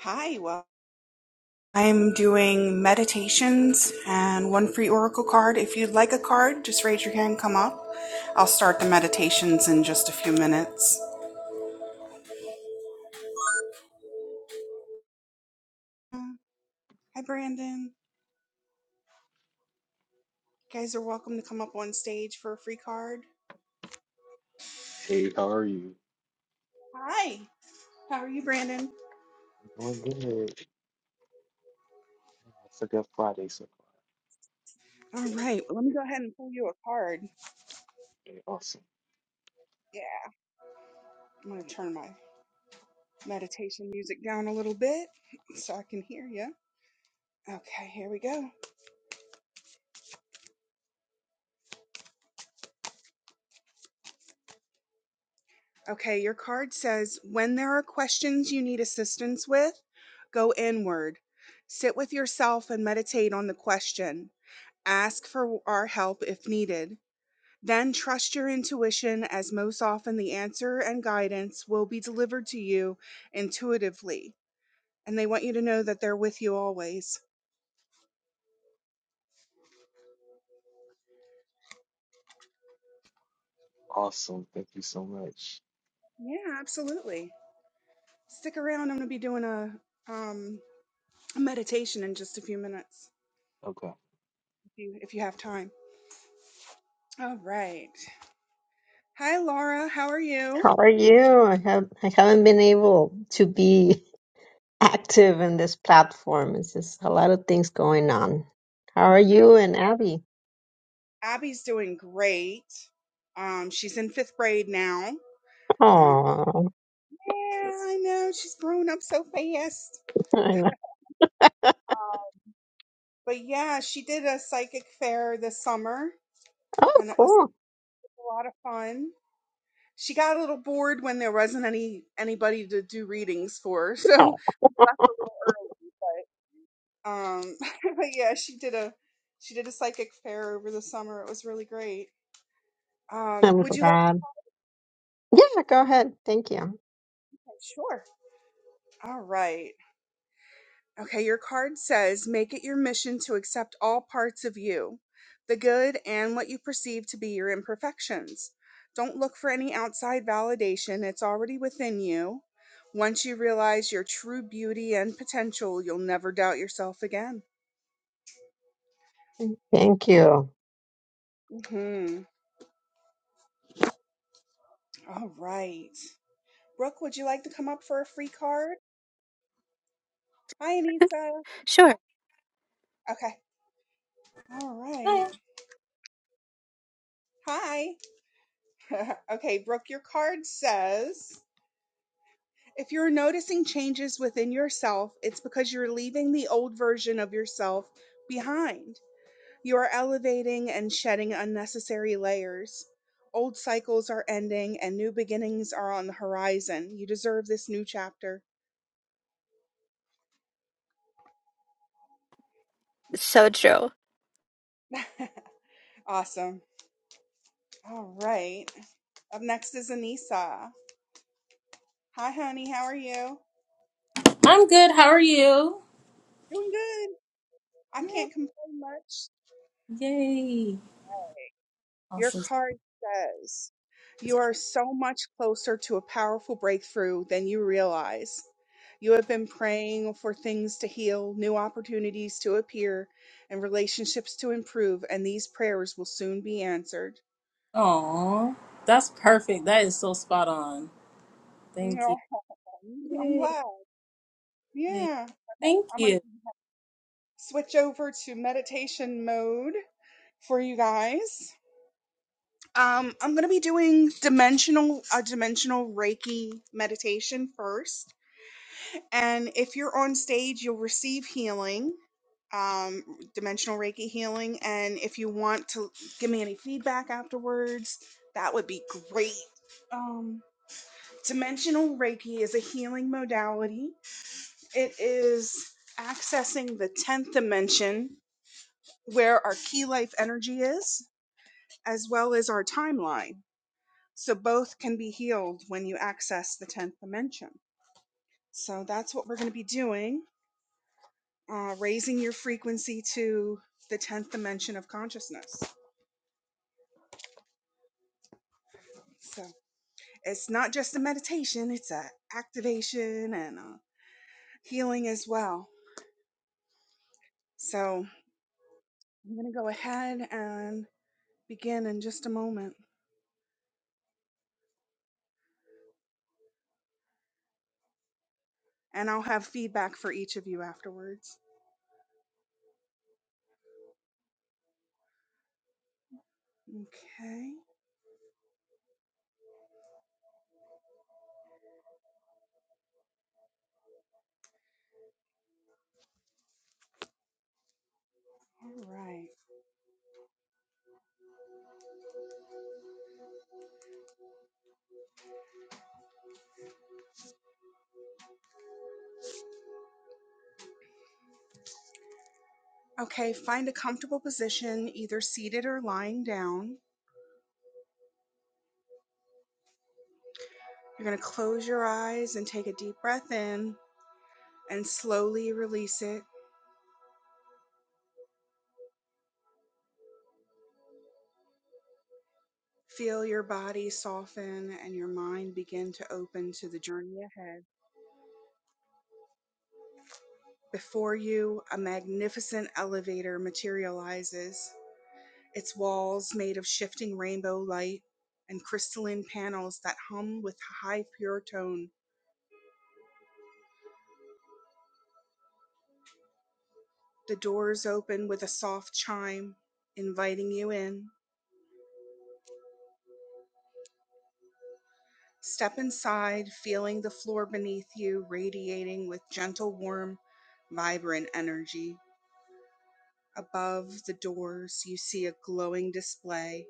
Hi, well, I'm doing meditations and one free oracle card. If you'd like a card, just raise your hand, come up. I'll start the meditations in just a few minutes. Uh, Hi, Brandon. You guys are welcome to come up on stage for a free card. Hey, how are you? Hi, how are you, Brandon? I'm doing good. It's a good Friday so far. All right, well, let me go ahead and pull you a card. Hey, awesome. Yeah, I'm going to turn my meditation music down a little bit so I can hear you. Okay, here we go. Okay, your card says when there are questions you need assistance with, go inward. Sit with yourself and meditate on the question. Ask for our help if needed. Then trust your intuition, as most often the answer and guidance will be delivered to you intuitively. And they want you to know that they're with you always. Awesome. Thank you so much. Yeah, absolutely. Stick around. I'm going to be doing a, um, a meditation in just a few minutes Okay. if you, if you have time. All right. Hi, Laura. How are you? How are you? I have I haven't been able to be active in this platform. It's just a lot of things going on. How are Oh, you and Abby? Abby's doing great. Um, she's in fifth grade now. Um, Oh, yeah, I know she's growing up so fast. I know. But yeah, she did a psychic fair this summer, oh, and it was cool. a lot of fun. She got a little bored when there wasn't any anybody to do readings for, so Oh, we left a little early. But um, but yeah, she did a she did a psychic fair over the summer. It was really great. Um, I'm would you like? glad. Yeah, go ahead. Thank you. To- sure. All right. Okay, your card says make it your mission to accept all parts of you, the good and what you perceive to be your imperfections. Don't look for any outside validation, it's already within you. Once you realize your true beauty and potential, you'll never doubt yourself again. Thank you. Mhm. All right. Brooke, would you like to come up for a free card? Hi, Anita. Sure. Okay. All right. Hi, Hi. okay, Brooke, your card says If you're noticing changes within yourself, it's because you're leaving the old version of yourself behind. You are elevating and shedding unnecessary layers. Old cycles are ending and new beginnings are on the horizon. You deserve this new chapter. So true. awesome. All right. Up next is Anissa. Hi, honey. How are you? I'm good. How are you? Doing good. I Yay. can't complain much. Yay. Your Awesome. card says you are so much closer to a powerful breakthrough than you realize. You have been praying for things to heal, new opportunities to appear, and relationships to improve, and these prayers will soon be answered. Aw. That's perfect. That is so spot on. Thank No, you. I'm Yay. glad. Yay. Yeah. Thank I'm going you. to switch over to meditation mode for you guys. Um, I'm going to be doing dimensional a dimensional Reiki meditation first. And if you're on stage, you'll receive healing, um, dimensional Reiki healing. And if you want to give me any feedback afterwards, that would be great. Um, dimensional Reiki is a healing modality, it is accessing the 10th dimension where our key life energy is, as well as our timeline. So both can be healed when you access the 10th dimension. So that's what we're going to be doing. uh, raising your frequency to the 10th dimension of consciousness. So it's not just a meditation, it's a activation and a healing as well. So I'm going to go ahead and begin in just a moment. And I'll have feedback for each of you afterwards. Okay. All right. Okay. Find a comfortable position, either seated or lying down. You're going to close your eyes and take a deep breath in and slowly release it Feel your body soften and your mind begin to open to the journey ahead. Before you, a magnificent elevator materializes, its walls made of shifting rainbow light and crystalline panels that hum with high pure tone. The doors open with a soft chime, inviting you in. Step inside, feeling the floor beneath you radiating with gentle, warm, vibrant energy. Above the doors, you see a glowing display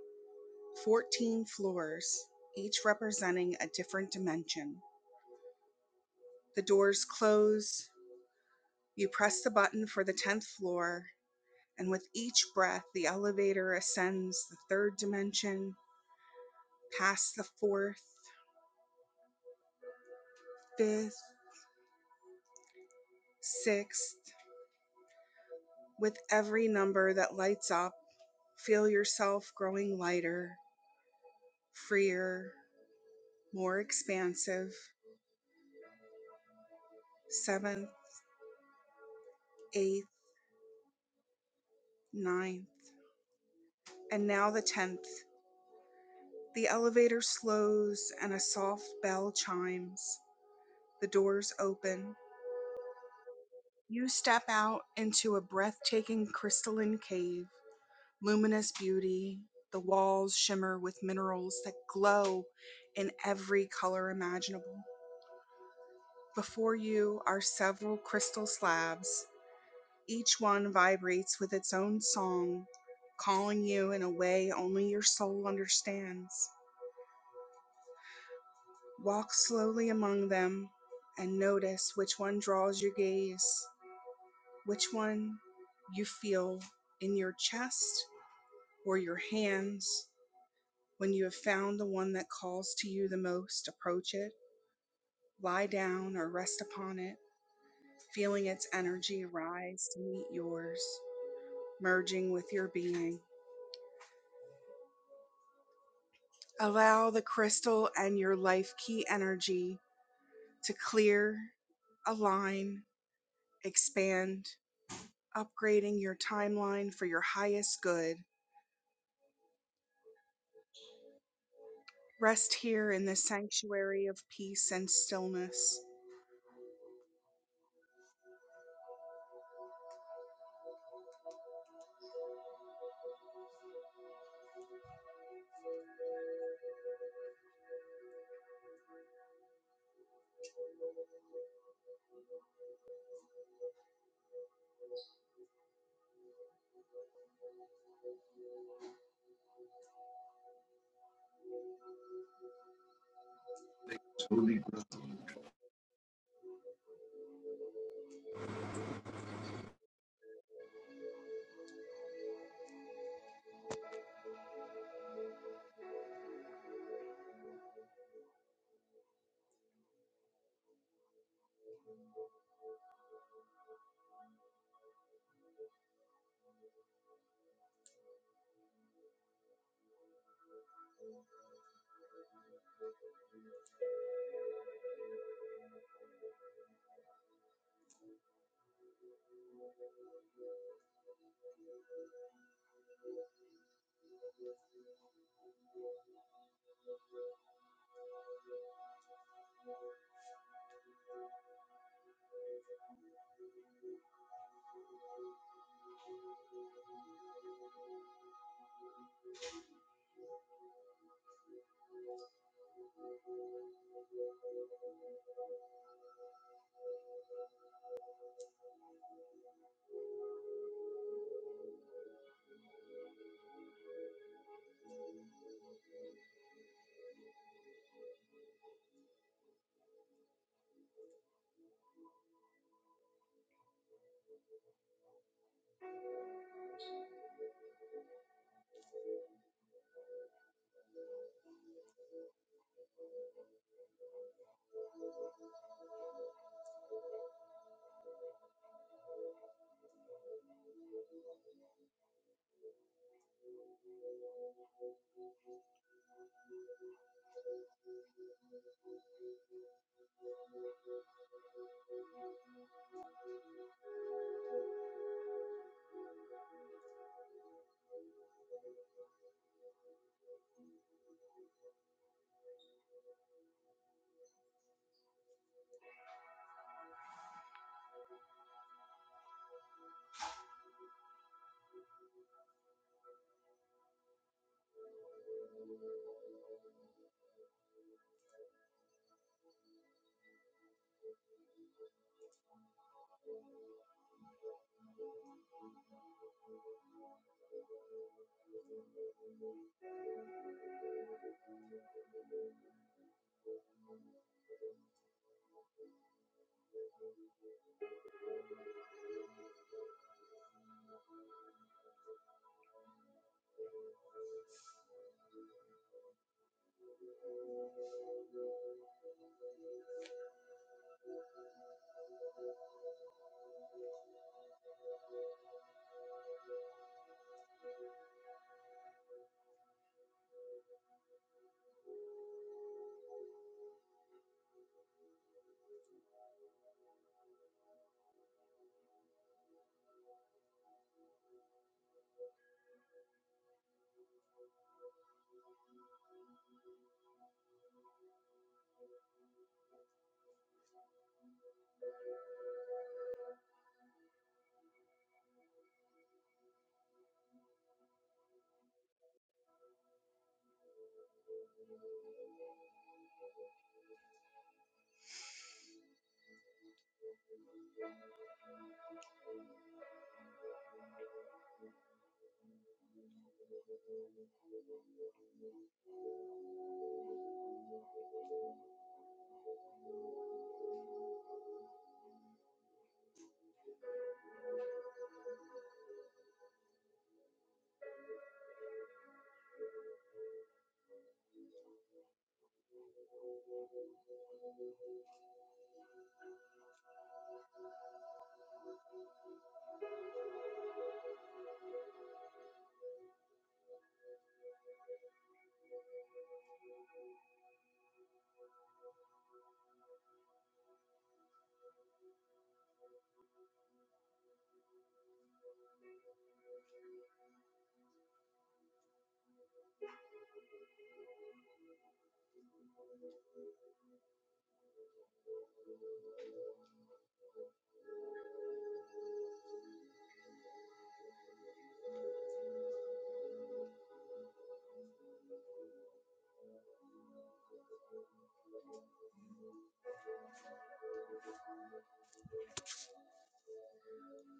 14 floors, each representing a different dimension. The doors close, you press the button for the 10th floor, and with each breath, the elevator ascends the third dimension, past the fourth, fifth, sixth. With every number that lights up, feel yourself growing lighter, freer, more expansive. Seventh, eighth, ninth. And now the tenth. The elevator slows and a soft bell chimes. The doors open. You step out into a breathtaking crystalline cave, luminous beauty. The walls shimmer with minerals that glow in every color imaginable. Before you are several crystal slabs. Each one vibrates with its own song, calling you in a way only your soul understands. Walk slowly among them and notice which one draws your gaze, which one you feel in your chest or your hands. When you have found the one that calls to you the most, approach it, lie down or rest upon it, feeling its energy rise to meet yours, merging with your being. Allow the crystal and your life key energy to clear, align, expand, upgrading your timeline for your highest good. Rest here in this sanctuary of peace and stillness.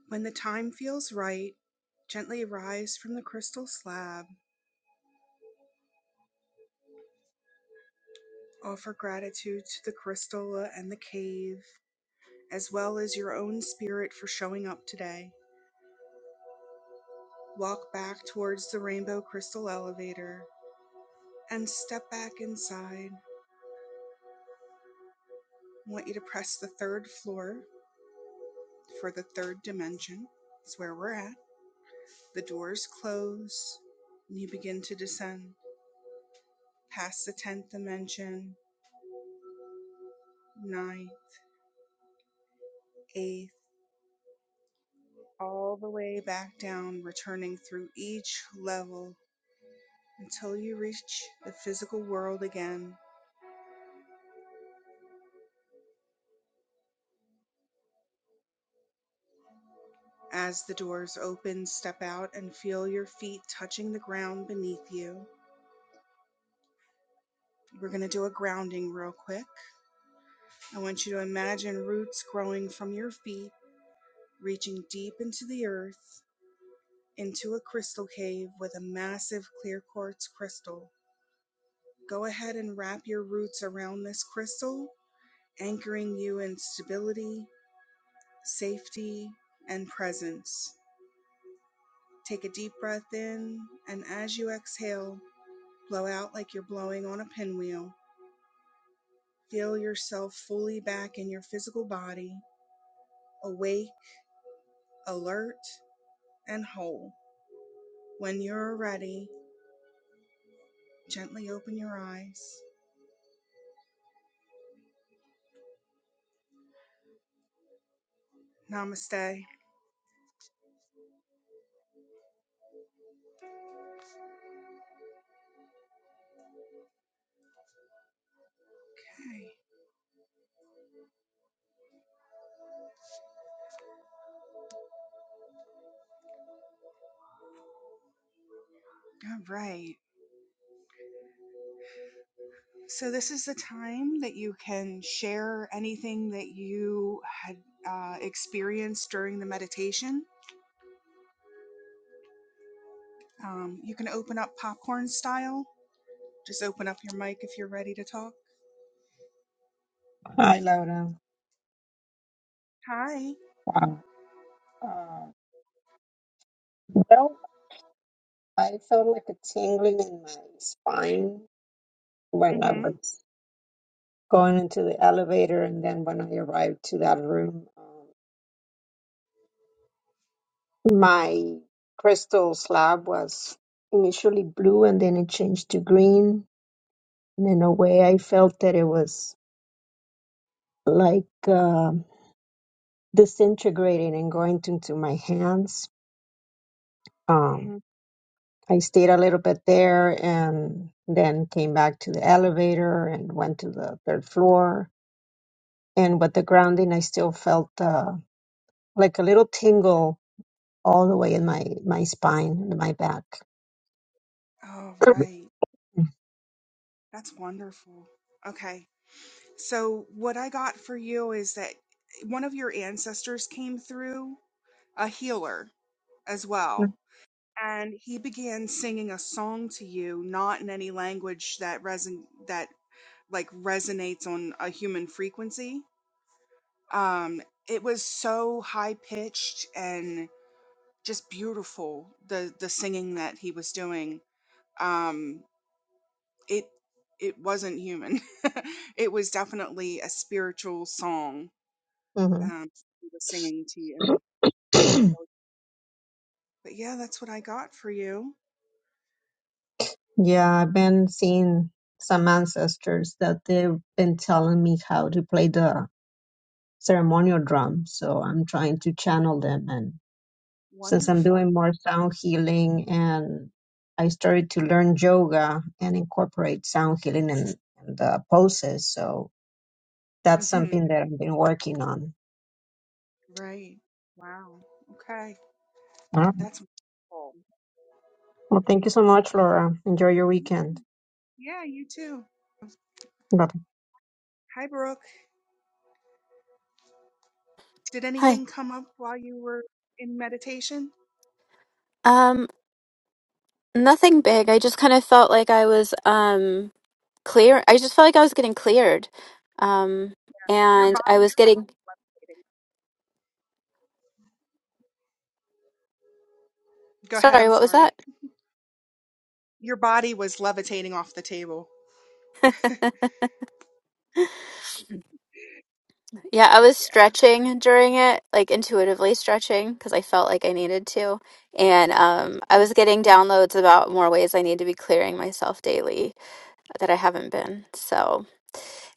When the time feels right, gently rise from the crystal slab. Offer gratitude to the crystal and the cave, as well as your own spirit for showing up today. Walk back towards the rainbow crystal elevator and step back inside. I want you to press the third floor for the third dimension. It's where we're at The doors close, and you begin to descend past the 10th dimension, 9th, 8th, all the way back down, returning through each level until you reach the physical world again. As the doors open, step out and feel your feet touching the ground beneath you. We're going to do a grounding real quick. I want you to imagine roots growing from your feet, reaching deep into the earth. into a crystal cave with a massive clear quartz crystal. Go ahead and wrap your roots around this crystal, anchoring you in stability, safety, and presence. Take a deep breath in, and as you exhale, blow out like you're blowing on a pinwheel. Feel yourself fully back in your physical body, awake, alert, and whole. When you're ready, gently open your eyes. Namaste. Okay. All right. So, this is the time that you can share anything that you had uh, experienced during the meditation. Um, you can open up popcorn style. Just open up your mic if you're ready to talk. Hi, Laura. Hi. Wow. Uh, well, I felt like a tingling in my spine Mm when I hmm. was going into the elevator, and then when I arrived to that room. My crystal slab was initially blue and then it changed to green. And in a way, I felt that it was like um disintegrating and going into my hands. Mm Um, hmm. I stayed a little bit there and then came back to the elevator and went to the third floor. And with the grounding, I still felt uh, like a little tingle all the way in my, my spine and my back. All right. That's wonderful. Okay. So, what I got for you is that one of your ancestors came through, a healer as well and he began singing a song to you not in any language that reson that like resonates on a human frequency um it was so high pitched and just beautiful the the singing that he was doing um it it wasn't human it was definitely a spiritual song hmm um he was singing to you but yeah that's what i got for you yeah, I've been seeing some ancestors that they've been telling me how to play the ceremonial drum, so I'm trying to channel them and since I'm wonderful doing more sound healing and I started to learn yoga and incorporate sound healing and, and the poses. So that's hmm something that I've been working on. right wow okay All right. That's wonderful. Well, thank you so much, Laura. Enjoy your weekend. Mhm. Yeah, you too. Bye. Hi, Brooke. Did Hi. anything come up while you were in meditation? Um, nothing big. I just kind of felt like I was um clear. I just felt like I was getting cleared. Um, Your and body I was was getting levitating. Go ahead. sorry, I'm what was that? sorry. Your body was levitating off the table. Yeah, I was Yeah. stretching during it, like intuitively stretching because I felt like I needed to. And um, I was getting downloads about more ways I need to be clearing myself daily that I haven't been. So,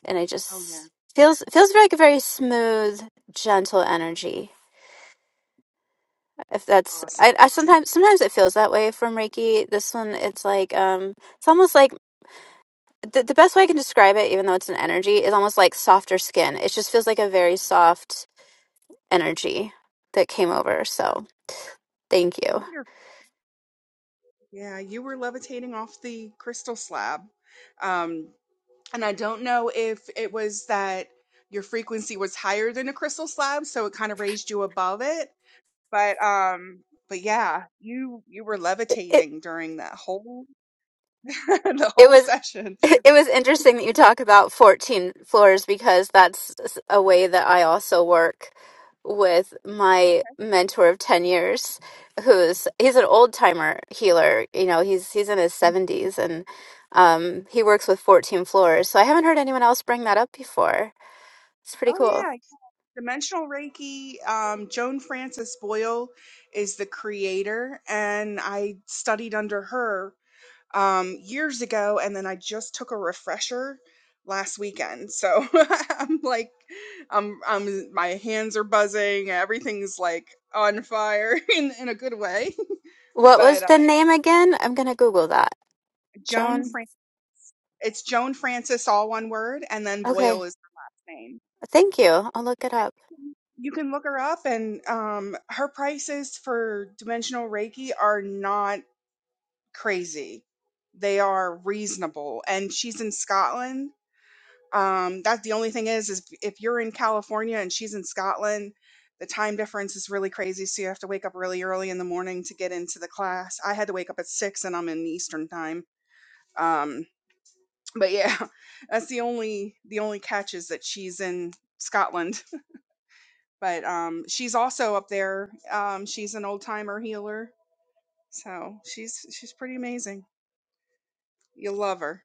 and I Oh, yeah. just feels feels like a very smooth, gentle energy if that's Awesome. I, I sometimes sometimes it feels that way from reiki this one it's like um it's almost like the, the best way i can describe it even though it's an energy is almost like softer skin it just feels like a very soft energy that came over so thank you Wonderful. Yeah, you were levitating off the crystal slab. Um, and I don't know if it was that your frequency was higher than the crystal slab, so it kind of raised you above it, But, um but yeah, you you were it, it, levitating during that whole the it whole was. session. it was interesting that you talk about 14 floors because that's a way that I also work with my mentor of 10 years who's he's an old timer healer you know he's he's in his 70s and um he works with 14 floors so I haven't heard anyone else bring that up before it's pretty Oh cool yeah, dimensional Reiki. Um, Joan Frances Boyle is the creator, and I studied under her um, years ago, and then I just took a refresher last weekend. So I'm like, I'm I'm my hands are buzzing, everything's like on fire in in a good way. what was But uh, the name again I'm gonna google that Joan Joan Frances. It's Joan Francis, all one word, and then Boyle okay is her last name. thank you I'll look it up You can look her up, and um, her prices for dimensional Reiki are not crazy. They are reasonable, and she's in Scotland. Um, that's the only thing is, is if you're in California and she's in Scotland, the time difference is really crazy. So you have to wake up really early in the morning to get into the class. I had to wake up at six, and I'm in Eastern time. Um, but yeah, that's the only the only catch is that she's in Scotland. But um, she's also up there. Um, she's an old timer healer, so she's she's pretty amazing. You'll love her.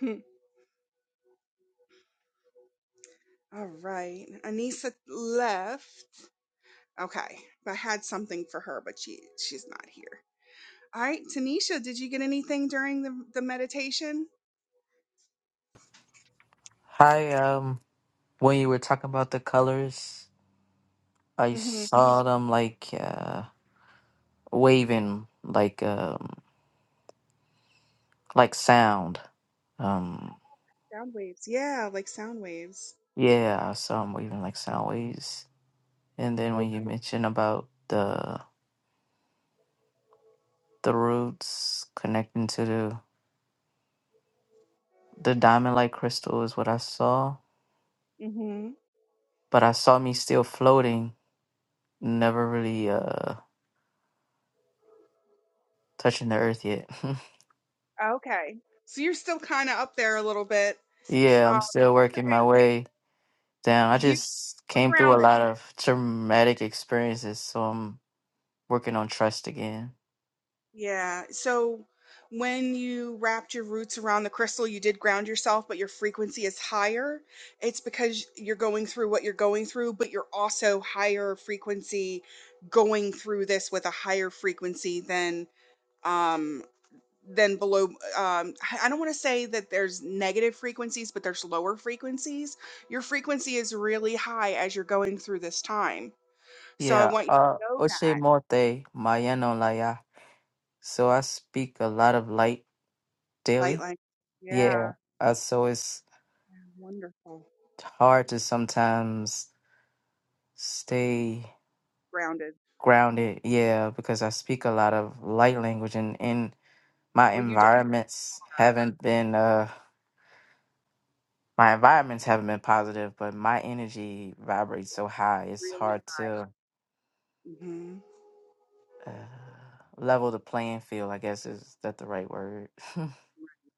Hmm. All right, Anissa left. Okay, I had something for her, but she she's not here. All right, Tanisha, did you get anything during the the meditation? Hi, um, when you were talking about the colors, I Mm-hmm. saw them like uh waving like um like sound. Um Sound waves, yeah, like sound waves. yeah, I saw them waving like sound waves. And then Oh. when you mentioned about the the roots connecting to the the diamond like crystal is what I saw. Mm-hmm. But I saw me still floating, never really uh touching the earth yet. Okay. So you're still kind of up there a little bit. yeah, Uh, I'm still That's working okay. my way. Damn, I you just were came through a grounded. lot of traumatic experiences, so I'm working on trust again. Yeah. So when you wrapped your roots around the crystal, you did ground yourself, but your frequency is higher. It's because you're going through what you're going through, but you're also higher frequency going through this with a higher frequency than um than below um I I don't want to say that there's negative frequencies, but there's lower frequencies. Your frequency is really high as you're going through this time. So I Yeah, want you to uh, know that. Oche Morte, Mayano Laya. So I speak a lot of light Light daily. line. Yeah, Yeah. uh, so it's yeah, Wonderful. hard to sometimes stay Grounded. grounded. Yeah, because I speak a lot of light language, and in my Well, you just environments haven't been uh my environments haven't been positive, but my energy vibrates so high, it's hard really to. high. hmm uh, level the playing field. I guess is that the right word?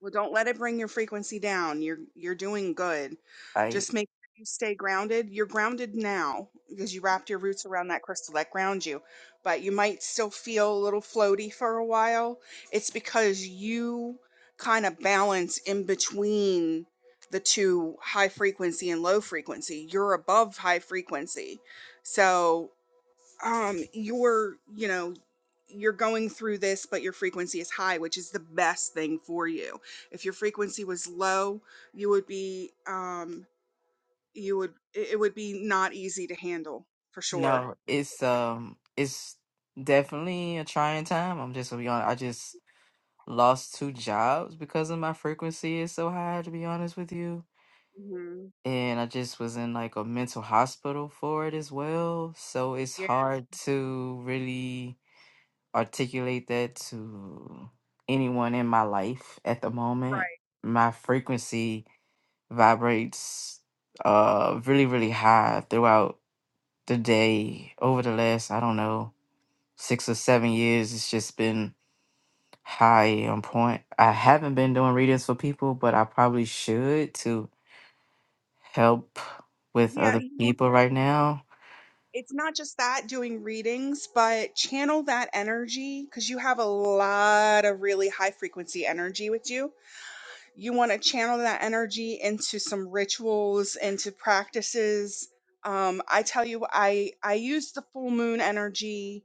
Well, don't let it bring your frequency down. You're you're doing good. I Just make sure you stay grounded. You're grounded now because you wrapped your roots around that crystal that grounds you. But you might still feel a little floaty for a while. It's because you kind of balance in between the two high frequency and low frequency. You're above high frequency. So um you're you know you're going through this but your frequency is high which is the best thing for you if your frequency was low you would be um you would it it would be not easy to handle for sure no, it's um, it's definitely a trying time. I'm just gonna be honest. I just lost two jobs because of my frequency is so high. To be honest with you, and I just was in like a mental hospital for it as well. So it's hard to really articulate that to anyone in my life at the moment. My frequency vibrates uh really really high throughout the day over the last i don't know six or seven years it's just been high on point i haven't been doing readings for people but i probably should to help with yeah other you know people right now it's not just that doing readings but channel that energy because you have a lot of really high frequency energy with you you want to channel that energy into some rituals, into practices. Um, I tell you, I I use the full moon energy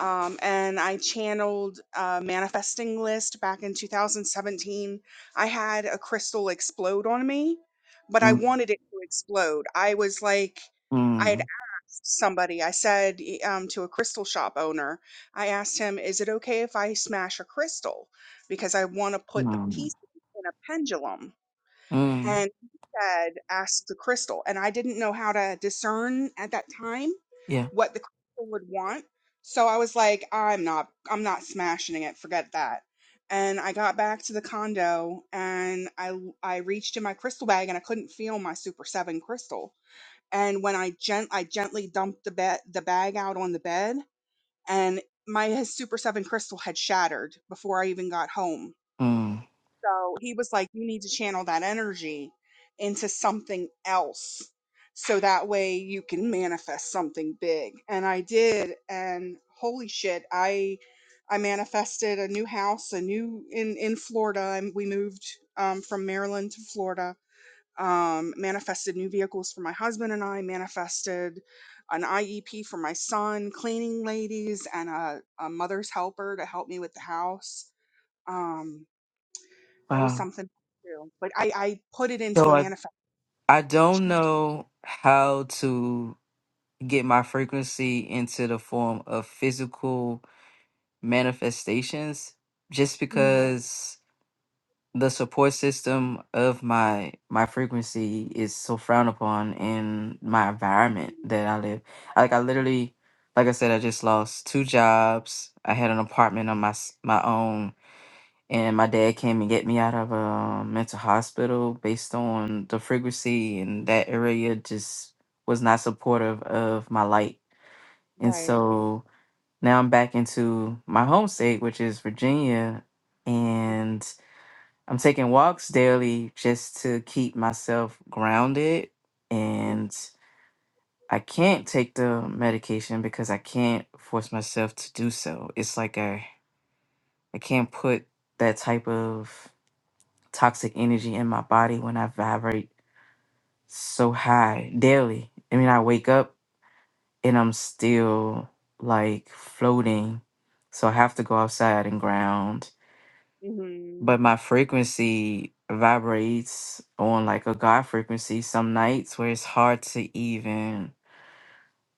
um, and I channeled a manifesting list back in 2017. I had a crystal explode on me, but I mm, wanted it to explode. I was like, I had mm, asked somebody, I said y- um, to a crystal shop owner, I asked him, is it okay if I smash a crystal? Because I want to put the mm, pieces in a pendulum mm, and he said, ask the crystal. And I didn't know how to discern at that time yeah what the crystal would want. So I was like, I'm not, I'm not smashing it. Forget that. And I got back to the condo and I, I reached in my crystal bag and I couldn't feel my super seven crystal. And when I gent, I gently dumped the bed, the bag out on the bed and my super seven crystal had shattered before I even got home mm, so he was like, you need to channel that energy into something else. So that way you can manifest something big. And I did. And holy shit, I, I manifested a new house, a new in, in Florida. And we moved um, from Maryland to Florida. Um, manifested new vehicles for my husband and I manifested an IEP for my son, cleaning ladies and a, a mother's helper to help me with the house. Um, there was wow something too, but I, I put it into a so i manifest. i don't know how to get my frequency into the form of physical manifestations just Mhm. because the support system of my my frequency is so frowned upon in my environment that I live. Like I literally like I said I just lost two jobs. I had an apartment on my s- my own and my dad came and get me out of a mental hospital based on the frequency and that area just was not supportive of my light. And so now I'm back into my home state, which is Virginia, and I'm taking walks daily just to keep myself grounded. Mhm. And I can't take the medication because I can't force myself to do so. It's like I, I can't put that type of toxic energy in my body when I vibrate so high daily. I mean, I wake up and I'm still like floating. So I have to go outside and ground but my frequency vibrates on like a God frequency some nights where it's hard to even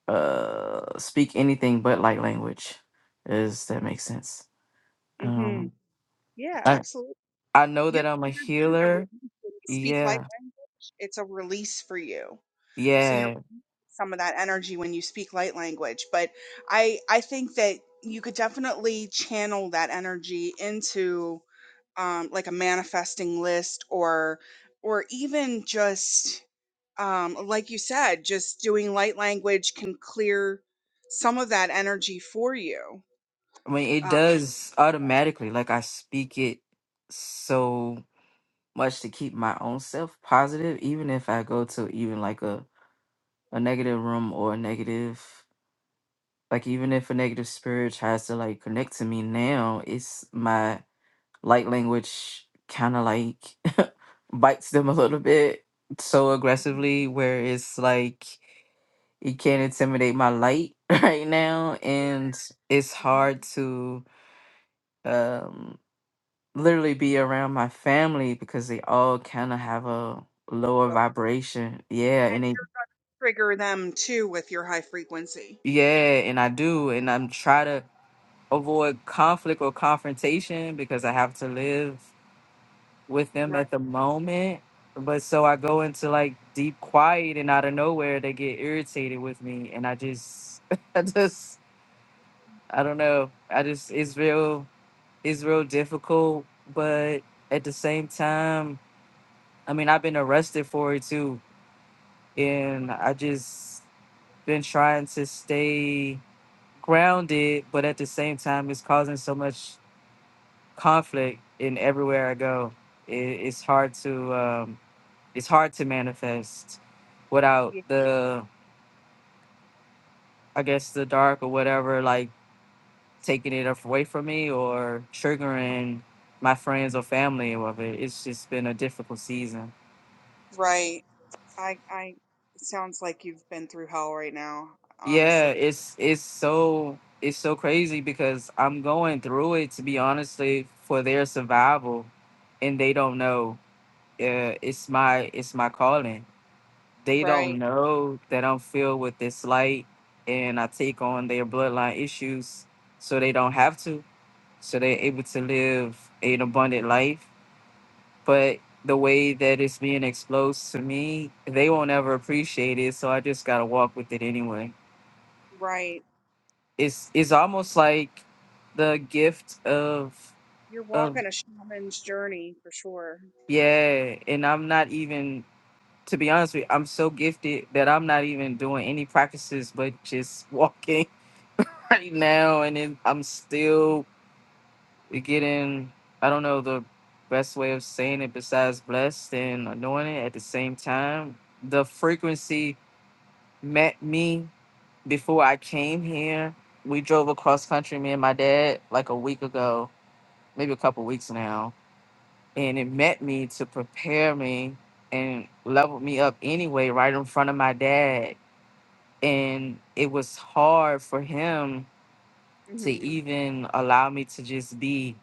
uh speak anything but light language. Does that make sense? Mm-hmm. Um Yeah, I absolutely. I know that You're I'm a you're getting a release healer. when you speak light Yeah. language. It's a release for you. So you're Yeah. some of that energy when you speak light language. But I I think that you could definitely channel that energy into um, like a manifesting list or or even just um, like you said just doing light language can clear some of that energy for you I mean it um, does automatically. Like I speak it so much to keep my own self positive, even if I go to even like a, a negative room or a negative like even if a negative spirit tries to like connect to me now it's my light language kind of like bites them a little bit so Mhm, aggressively where it's like it can't intimidate my light right now and it's mhm. hard to um literally be around my family because they all kind of have a lower so- vibration yeah and and they trigger them too with your high frequency yeah and i do and i'm try to avoid conflict or confrontation because I have to live with them right at the moment. But so I go into like deep quiet and out of nowhere they get irritated with me and I just I just I don't know. I just it's real it's real difficult but at the same time I mean I've been arrested for it too and I just been trying to stay grounded but at the same time it's causing so much conflict in everywhere I go. It, it's hard to um, it's hard to manifest without yeah. the I guess the dark or whatever like taking it af- away from me or triggering my friends or family of it. It's just been a difficult season. right i i it sounds like you've been through hell right now Yeah, honestly it's it's so it's so crazy because I'm going through it to be honestly for their survival, and they don't know. Uh, it's my it's my calling they don't right know that I'm filled with this light and I take on their bloodline issues so they don't have to. So they're able to live an abundant life. But the way that it's being exposed to me, they won't ever appreciate it. So I just gotta walk with it anyway. right It's it's almost like the gift of you're of walking a shaman's journey for sure yeah, and I'm not even to be honest with you, I'm so gifted that I'm not even doing any practices but just walking right now, and it, I'm still getting, I don't know the best way of saying it besides blessed and anointed at the same time. The frequency met me before I came here. We drove across country, me and my dad, like a week ago, maybe a couple weeks now. And it met me to prepare me and leveled me up anyway, right in front of my dad. And it was hard for him to hmm even allow me to just be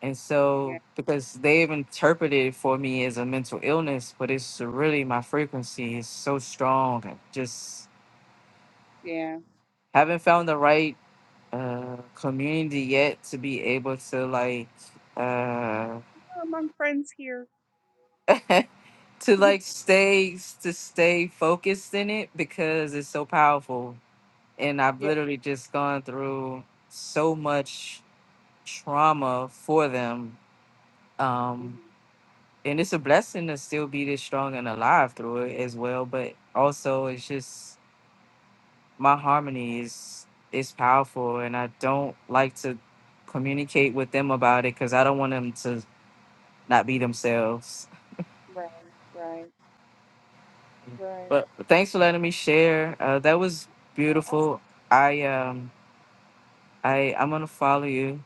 And yeah so, because they've interpreted it for me as a mental illness, but it's really my frequency is so strong. I just yeah haven't found the right uh, community yet to be able to like uh, you're among friends here to Mhm. like stay to stay focused in it because it's so powerful. And I've Yeah. literally just gone through so much trauma for them hmm um, and it's a blessing to still be this strong and alive through it as well but also it's just my harmony is is powerful and i don't like to communicate with them about it because i don't want them to not be themselves Right. Right. Right. but thanks for letting me share uh, that was Uh, Abs- beautiful i um i i'm gonna follow you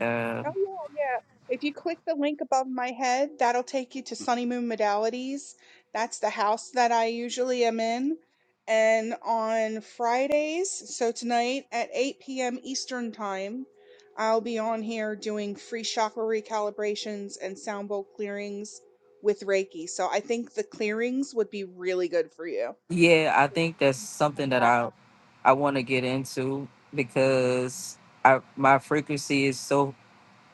uh, Oh yeah, yeah. If you click the link above my head, that'll take you to Sunny Moon Modalities. That's the house that I usually am in. And on Fridays, so tonight at 8 p.m. Eastern Time, I'll be on here doing free chakra recalibrations and sound bowl clearings with Reiki. So I think the clearings would be really good for you. yeah i think that's Come something that back. i i want to get into because I, my frequency is so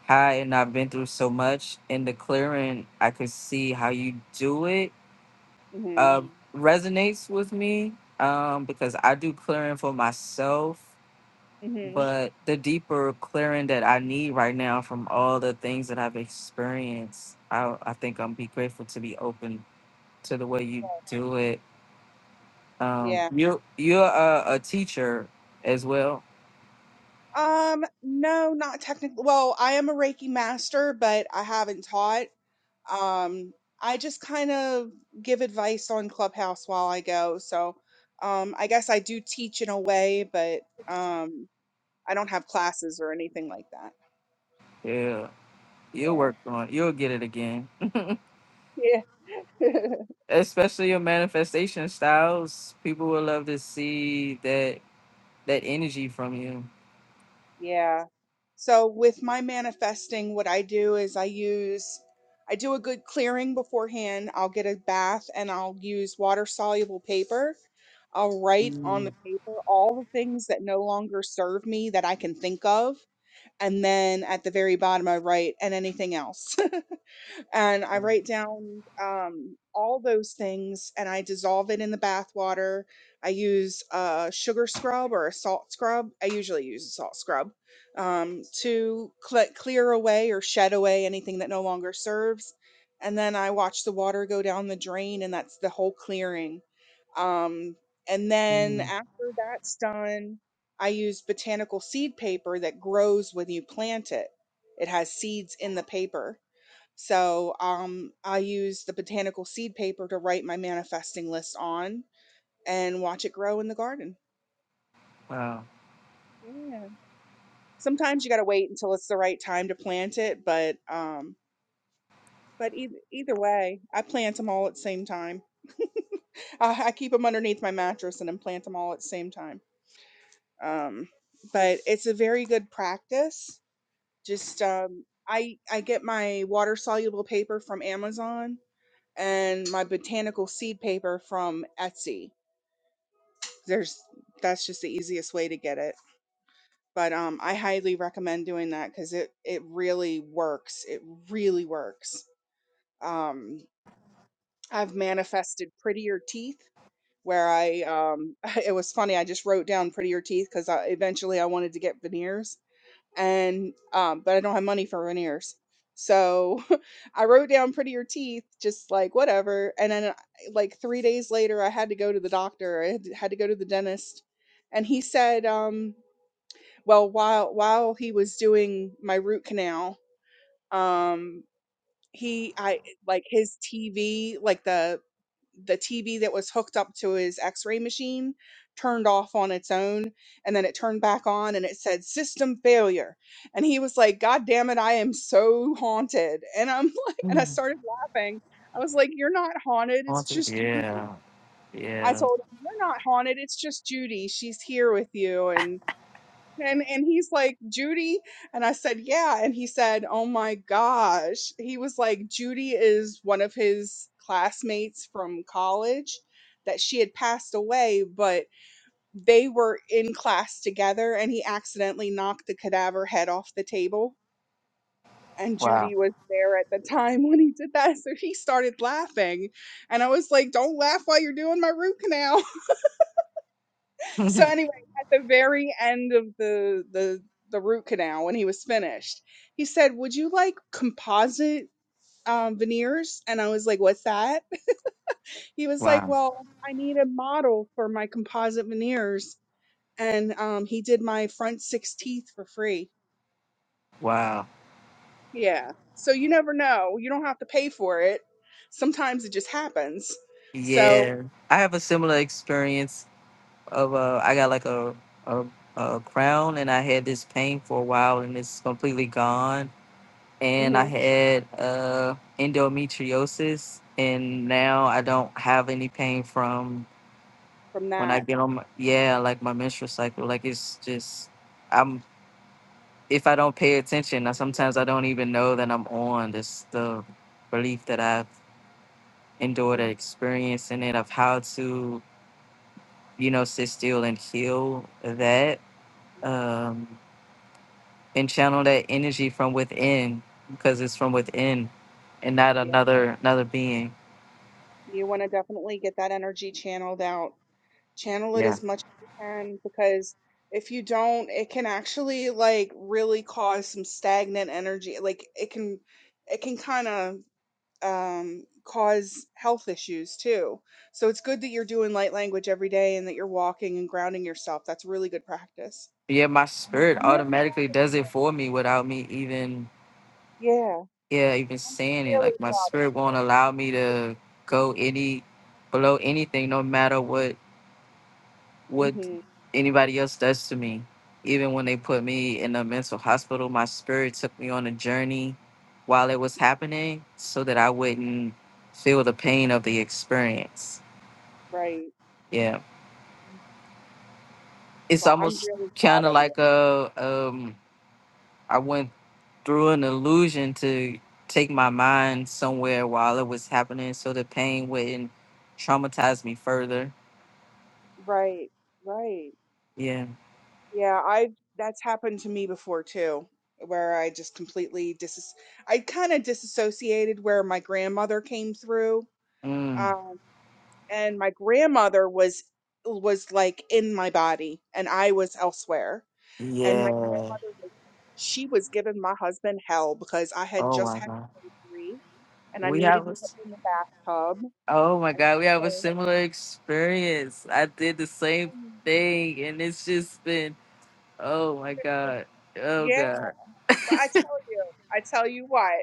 Hi, and I've been through so much in the clearing, I could see how you do it. hmm Uh, resonates with me um, because I do clearing for myself, hmm but the deeper clearing that I need right now from all the things that I've experienced, I, I think I'm be grateful to be open to the way you do it. Um, Yeah. you're you're a, a teacher as well. Um, no, not technically. Well, I am a Reiki master, but I haven't taught. Um, I just kind of give advice on Clubhouse while I go. So, um, I guess I do teach in a way, but um, I don't have classes or anything like that. Yeah, you'll Yeah. work on. You'll get it again. Yeah. especially your manifestation styles, people will love to see that that energy from you. Yeah. So with my manifesting, what I do is I use I do a good clearing beforehand. I'll get a bath and I'll use water soluble paper. I'll write on Mm, the paper all the things that no longer serve me that I can think of. And then at the very bottom, I write and anything else and I write down um, all those things and I dissolve it in the bath water. I use a sugar scrub or a salt scrub. I usually use a salt scrub um, to cle clear away or shed away anything that no longer serves. And then I watch the water go down the drain, and that's the whole clearing. Um, and then mm, after that's done, I use botanical seed paper that grows when you plant it. It has seeds in the paper so um, I use the botanical seed paper to write my manifesting list on and watch it grow in the garden. wow. Yeah. Sometimes you got to wait until it's the right time to plant it, but um, but either either way, I plant them all at the same time. I, I keep them underneath my mattress and then plant them all at the same time. Um, but it's a very good practice. Just um, I I get my water soluble paper from Amazon and my botanical seed paper from Etsy there's that's just the easiest way to get it but um i highly recommend doing that because it it really works it really works um i've manifested prettier teeth where i um it was funny i just wrote down prettier teeth because I, eventually i wanted to get veneers and um but i don't have money for veneers so i wrote down prettier teeth just like whatever and then uh, like three days later i had to go to the doctor i had to had to go to the dentist and he said, um, Well, while while he was doing my root canal, um, he I like his TV, like the the TV that was hooked up to his X-ray machine turned off on its own and then it turned back on and it said system failure. And he was like, God damn it, I am so haunted. And I'm like and I Mm, started laughing. I was like, You're not haunted, it's haunted. just Judy. Yeah. I Yeah. told him, You're not haunted, it's just Judy. She's here with you. And and and he's like Judy and I said yeah and he said oh my gosh he was like Judy is one of his classmates from college that she had passed away but they were in class together and he accidentally knocked the cadaver head off the table and Wow. Judy was there at the time when he did that so he started laughing and I was like don't laugh while you're doing my root canal So anyway, at the very end of the the the root canal when he was finished, he said, "Would you like composite um, veneers?" And I was like, "What's that?" He was like, wow. "Well, I need a model for my composite veneers." And um, he did my front six teeth for free. Wow. Yeah. So you never know. You don't have to pay for it. Sometimes it just happens. So Yeah. I have a similar experience of uh I got like a a, a crown and I had this pain for a while and it's completely gone. And I mhm, had uh endometriosis and now I don't have any pain from from when I that, get on my yeah, like my menstrual cycle. Like it's just I'm if I don't pay attention, I, sometimes I don't even know that I'm on this the relief that I've endured and mhm, experience in it of how to, you know, sit still and heal that. Um and channel that energy from within because it's from within and not yeah, another another being. you want to definitely get that energy channeled out Channel it Yeah. as much as you can because if you don't, it can actually like really cause some stagnant energy. Like it can it can kind of um cause health issues too. So it's good that you're doing light language every day and that you're walking and grounding yourself. That's really good practice. Yeah, my I'm, spirit I'm really automatically does it for me without me even yeah, yeah, even I'm saying it, really like my proud spirit won't allow me to go any below anything, no matter what of. what Mhm. anybody else does to me. Even when they put me in a mental hospital, my spirit took me on a journey while it was happening, so that I wouldn't feel the pain of the experience. Right. Yeah, it's Well, I'm almost really kind proud of of you. like a um. I wouldn't through an illusion to take my mind somewhere while it was happening so the pain wouldn't traumatize me further. Right. Right. Yeah. Yeah, I that's happened to me before too, where I just completely dis I kind of disassociated where my grandmother came through. Mm. Um, and my grandmother was was like in my body and I was elsewhere. And my Yeah. grandmother was she was giving my husband hell because I had Oh just my had God. surgery and I We needed have to a, get s- in the bathtub. oh my And God, we have a so, similar experience. I did the same I mean, thing and it's just been, oh my God. Oh yeah, God. but I tell you, I tell you what.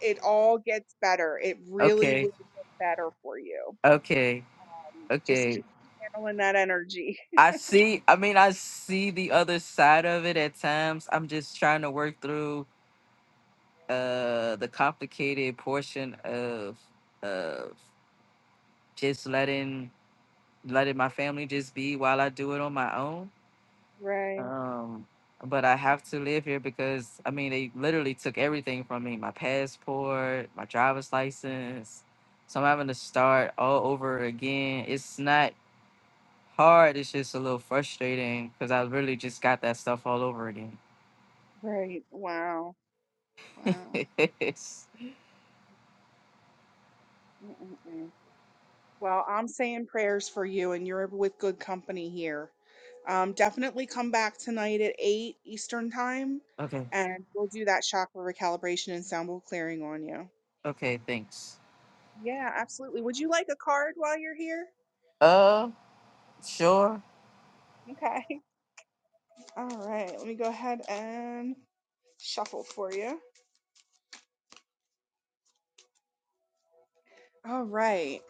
It all gets better. It really will Okay. get better for you. Okay. Um, Just Okay. keep handling that energy. I see, I mean, I see the other side of it at times. I'm just trying to work through uh the complicated portion of of just letting letting my family just be while I do it on my own. Right, Um but I have to live here because I mean they literally took everything from me, my passport, my driver's license. So I'm having to start all over again. It's not hard, it's just a little frustrating because I really just got that stuff all over again. right. Wow, wow. Mm-mm-mm. Well, I'm saying prayers for you, and you're with good company here. Um, definitely come back tonight at 8 Eastern Time, okay. and we'll do that chakra recalibration and sound bowl clearing on you. Okay, thanks. Yeah, absolutely. Would you like a card while you're here? Uh sure. Okay. All right. Let me go ahead and shuffle for you. All right.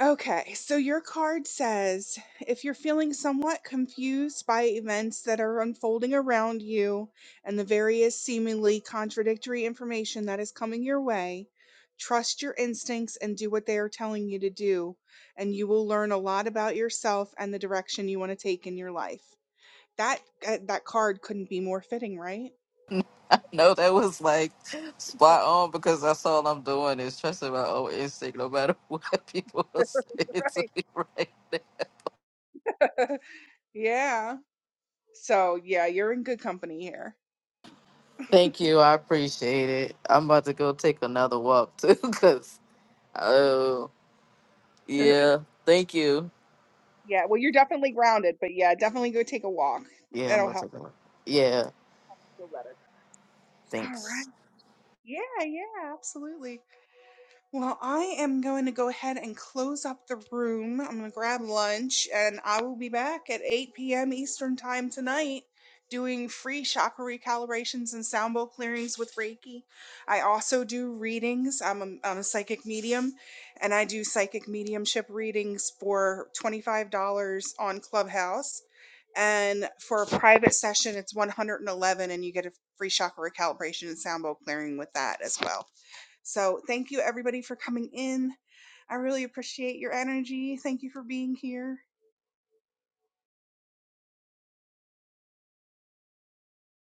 Okay, so your card says, "If you're feeling somewhat confused by events that are unfolding around you and the various seemingly contradictory information that is coming your way, trust your instincts and do what they are telling you to do, and you will learn a lot about yourself and the direction you want to take in your life." That uh, that card couldn't be more fitting, right? No, that was like spot on because that's all I'm doing is trusting my own instinct, no matter what people are saying to Right. me right now. yeah. So, yeah, you're in good company here. Thank you, I appreciate it. I'm about to go take another walk too, cause oh yeah, thank you. Yeah, well, you're definitely grounded, but yeah, definitely go take a walk. Yeah, I'm That'll gonna help take a walk. Yeah, you feel better. All thanks. right. Yeah, yeah, absolutely. Well, I am going to go ahead and close up the room. I'm going to grab lunch and I will be back at 8 p.m. Eastern Time tonight doing free chakra recalibrations and sound bowl clearings with Reiki. I also do readings. I'm a, I'm a psychic medium and I do psychic mediumship readings for $25 on Clubhouse. And for a private session, it's 111 and you get a free chakra recalibration and sound bowl clearing with that as well. So thank you everybody for coming in. I really appreciate your energy. Thank you for being here.